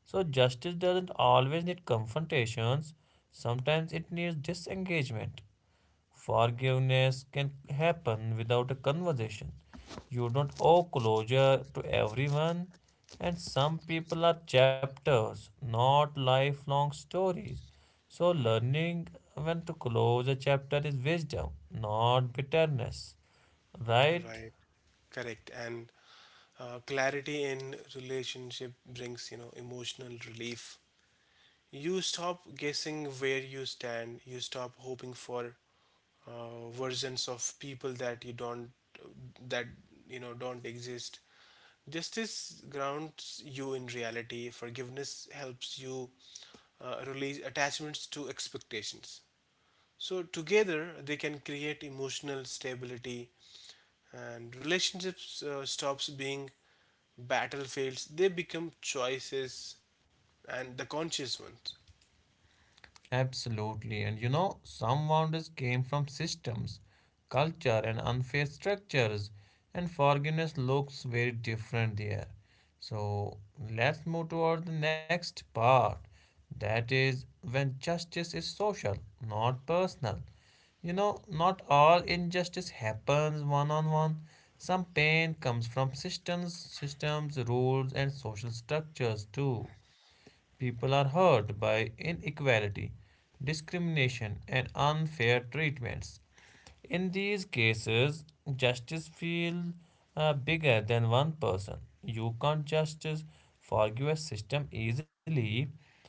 [SPEAKER 1] So, justice doesn't always need confrontations, sometimes it needs disengagement. Forgiveness can happen without a conversation. You don't owe closure to everyone, and some people are chapters, not lifelong stories. So, learning when to close a chapter is wisdom, not bitterness, right?
[SPEAKER 2] Right, correct. And uh, clarity in relationship brings, you know, emotional relief. You stop guessing where you stand. You stop hoping for uh, versions of people that you don't, that you know, don't exist. Justice grounds you in reality. Forgiveness helps you uh, release attachments to expectations. So, together, they can create emotional stability, and relationships uh, stops being battlefields. They become choices, and the conscious ones.
[SPEAKER 1] Absolutely. And you know, some boundaries came from systems, culture, and unfair structures, and forgiveness looks very different there. So let's move toward the next part. That is when justice is social, not personal. You know, not all injustice happens one on one. Some pain comes from systems, systems, rules, and social structures too. People are hurt by inequality, discrimination, and unfair treatments. In these cases, justice feels uh, bigger than one person. You can't just forgive a system easily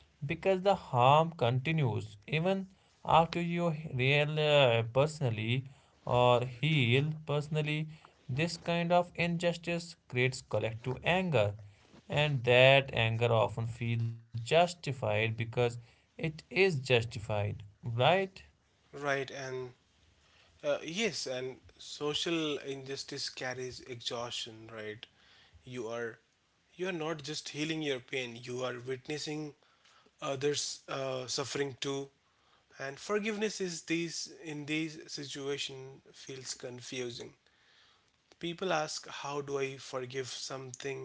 [SPEAKER 1] because the harm continues even after you heal uh, personally or heal personally. This kind of injustice creates collective anger, and that anger often feels justified because it is justified, right?
[SPEAKER 2] Right, and uh, yes, and social injustice carries exhaustion, right? You are you are not just healing your pain, you are witnessing others uh, suffering too. And forgiveness is these in these situation feels confusing. People ask, how do I forgive something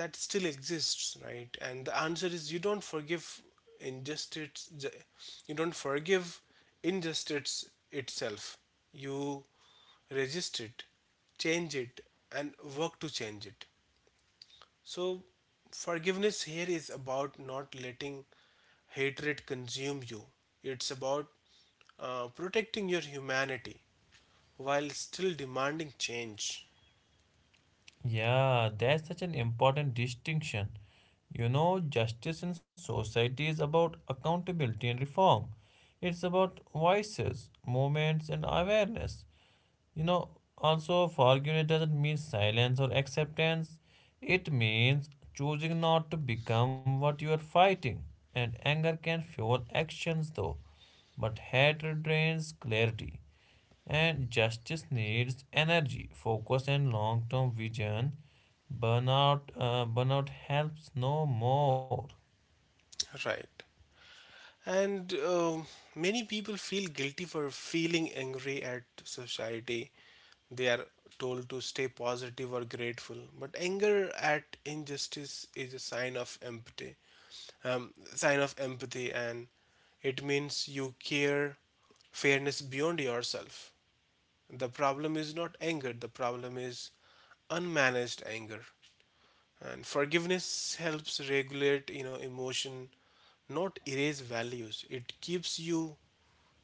[SPEAKER 2] that still exists? Right, and the answer is you don't forgive injustice, you don't forgive injustice itself you resist it, change it, and work to change it. So forgiveness here is about not letting hatred consume you. It's about uh, protecting your humanity while still demanding change.
[SPEAKER 1] Yeah, that's such an important distinction. You know, justice in society is about accountability and reform. It's about voices, movements, and awareness. You know, also, forgiveness doesn't mean silence or acceptance. It means choosing not to become what you are fighting. And anger can fuel actions, though, but hatred drains clarity. And justice needs energy, focus, and long term vision. Burnout, uh, burnout helps no more.
[SPEAKER 2] Right. And um many people feel guilty for feeling angry at society. They are told to stay positive or grateful, but anger at injustice is a sign of empathy. Um, sign of empathy, and it means you care fairness beyond yourself. The problem is not anger, the problem is unmanaged anger. And forgiveness helps regulate, you know, emotion, not erase values. It keeps you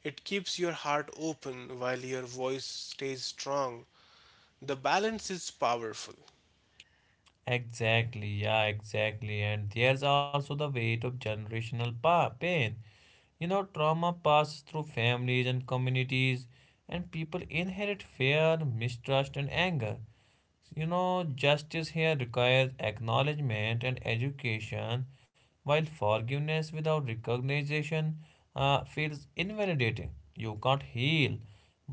[SPEAKER 2] it keeps your heart open while your voice stays strong. The balance is powerful.
[SPEAKER 1] Exactly, yeah, exactly. And there's also the weight of generational pa- pain. You know, trauma passes through families and communities, and people inherit fear, mistrust, and anger. You know, justice here requires acknowledgement and education, while forgiveness without recognition uh, feels invalidating. You can't heal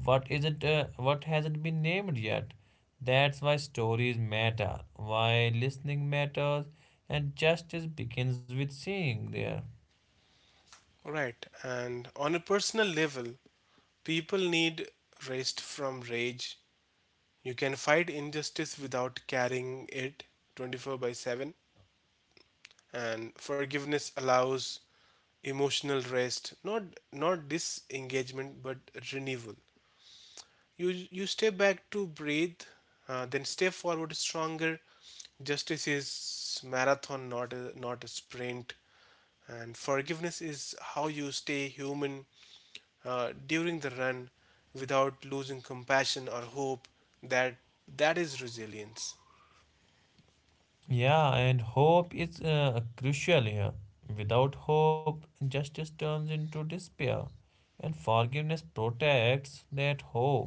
[SPEAKER 1] what isn't uh, what hasn't been named yet. That's why stories matter, why listening matters, and justice begins with seeing there.
[SPEAKER 2] Right. And on a personal level, people need rest from rage. You can fight injustice without carrying it twenty-four by seven. And forgiveness allows emotional rest, not not disengagement, but renewal. You you step back to breathe, uh, then step forward stronger. Justice is marathon, not a, not a sprint, and forgiveness is how you stay human uh, during the run without losing compassion or hope. That that is resilience.
[SPEAKER 1] Yeah, and hope is uh, crucial here. Without hope, justice turns into despair, and forgiveness protects that hope.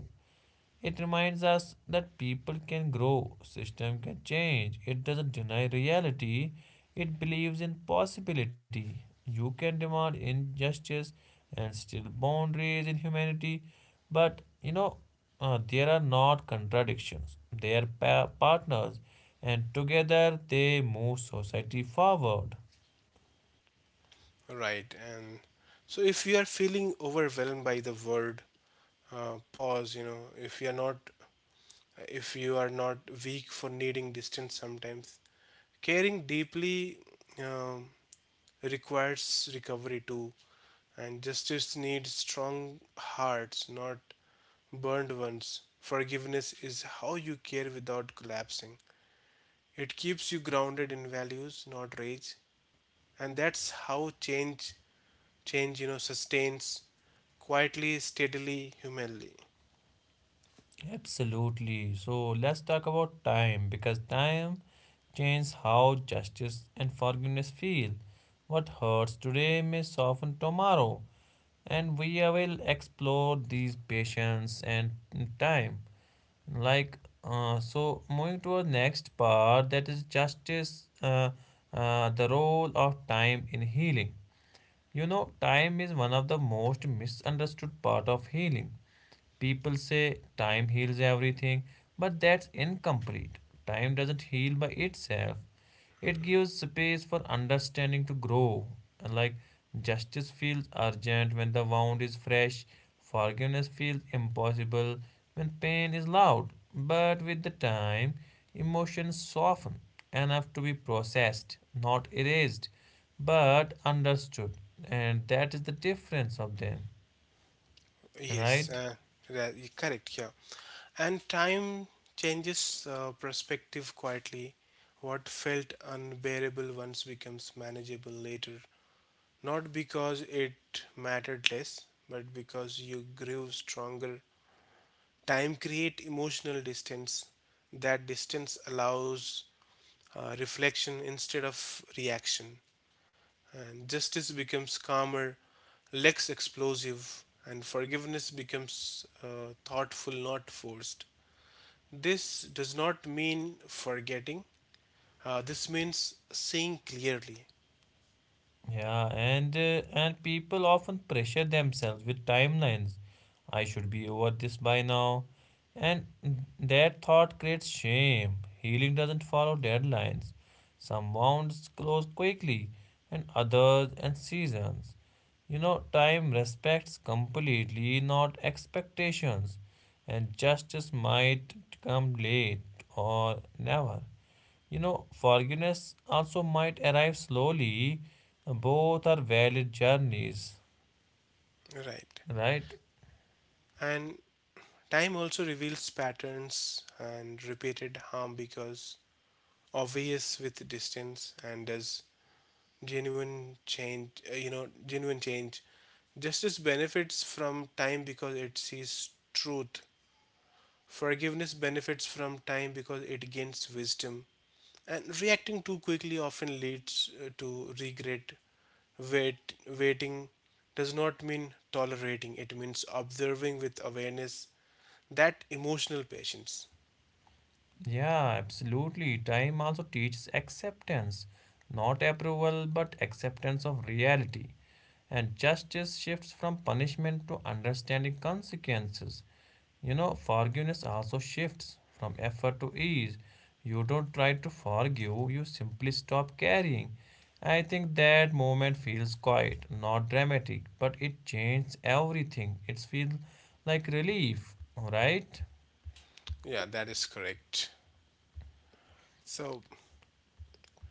[SPEAKER 1] It reminds us that people can grow, system can change. It doesn't deny reality. It believes in possibility. You can demand injustice and still boundaries in humanity, but you know uh, there are not contradictions. They are pa- partners, and together they move society forward.
[SPEAKER 2] Right, and so if you are feeling overwhelmed by the world, uh, pause. You know, if you're not if you are not weak for needing distance sometimes, caring deeply um, requires recovery too. And justice needs strong hearts, not burned ones. Forgiveness is how you care without collapsing, it keeps you grounded in values, not rage. And that's how change change, you know, sustains, quietly, steadily, humanly.
[SPEAKER 1] Absolutely. So let's talk about time because time changes how justice and forgiveness feel. What hurts today may soften tomorrow. And we will explore these patience and time. Like, uh, so moving to our next part that is justice, uh, uh, the role of time in healing. You know, time is one of the most misunderstood part of healing. People say time heals everything, but that's incomplete. Time doesn't heal by itself. It gives space for understanding to grow. And like justice feels urgent when the wound is fresh, forgiveness feels impossible when pain is loud. But with the time, emotions soften enough to be processed, not erased, but understood. And that is the difference of them,
[SPEAKER 2] Yes,
[SPEAKER 1] right?
[SPEAKER 2] uh, ra- y- correct. Yeah, and time changes uh, perspective quietly. What felt unbearable once becomes manageable later, not because it mattered less, but because you grew stronger. Time create emotional distance. That distance allows uh, reflection instead of reaction, and justice becomes calmer, less explosive, and forgiveness becomes uh, thoughtful, not forced. This does not mean forgetting, uh, this means seeing clearly,
[SPEAKER 1] Yeah, and uh, and people often pressure themselves with timelines. I should be over this by now. And that thought creates shame. Healing doesn't follow deadlines. Some wounds close quickly, and others and seasons. You know, time respects completely, not expectations. And justice might come late or never. You know, forgiveness also might arrive slowly. Both are valid journeys,
[SPEAKER 2] right?
[SPEAKER 1] right?
[SPEAKER 2] And time also reveals patterns and repeated harm because obvious with distance, and does genuine change uh, you know genuine change justice benefits from time because it sees truth. Forgiveness benefits from time because it gains wisdom, and reacting too quickly often leads uh, to regret. Wait, waiting does not mean tolerating, it means observing with awareness, that emotional patience.
[SPEAKER 1] Yeah, absolutely. Time also teaches acceptance, not approval, but acceptance of reality. And justice shifts from punishment to understanding consequences. You know, forgiveness also shifts from effort to ease. You don't try to forgive, you simply stop carrying. I think that moment feels quiet, not dramatic, but it changes everything. It feels like relief, right?
[SPEAKER 2] Yeah, that is correct. So,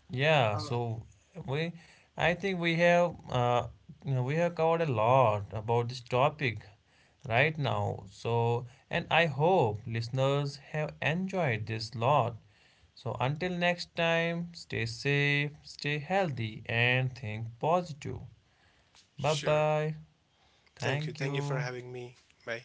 [SPEAKER 1] Yeah,
[SPEAKER 2] ah,
[SPEAKER 1] so we, I think we have, uh, you know, we have covered a lot about this topic right now. So, and I hope listeners have enjoyed this lot. So, until next time, stay safe, stay healthy, and think positive. Bye
[SPEAKER 2] sure.
[SPEAKER 1] bye.
[SPEAKER 2] Thank you.
[SPEAKER 1] Thank
[SPEAKER 2] Thank you for
[SPEAKER 1] you.
[SPEAKER 2] having me. Bye.